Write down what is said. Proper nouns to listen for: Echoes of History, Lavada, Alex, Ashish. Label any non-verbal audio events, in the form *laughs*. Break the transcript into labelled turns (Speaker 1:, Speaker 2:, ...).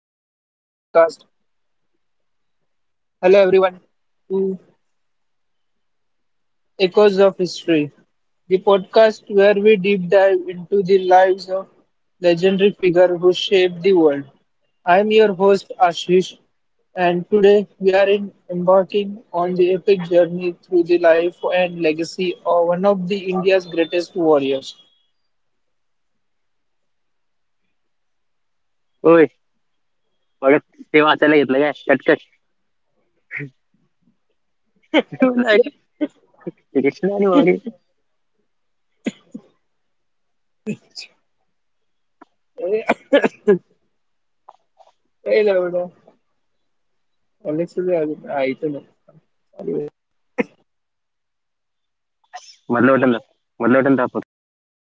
Speaker 1: Hello everyone to Echoes of History, the podcast where we deep dive into the lives of legendary figures who shaped the world. I am your host Ashish, and today we are in embarking on the epic journey through the life and legacy of one of the India's greatest warriors.
Speaker 2: होय. बघा, ते वाचायला घेतलं काय कटकट. म्हणलं अरे *laughs* कृष्ण आणि माऊली
Speaker 1: Hey, Lavada. Alex is here. He's
Speaker 2: मधलं वाटण दाख मधलं वाटण दाखवतो.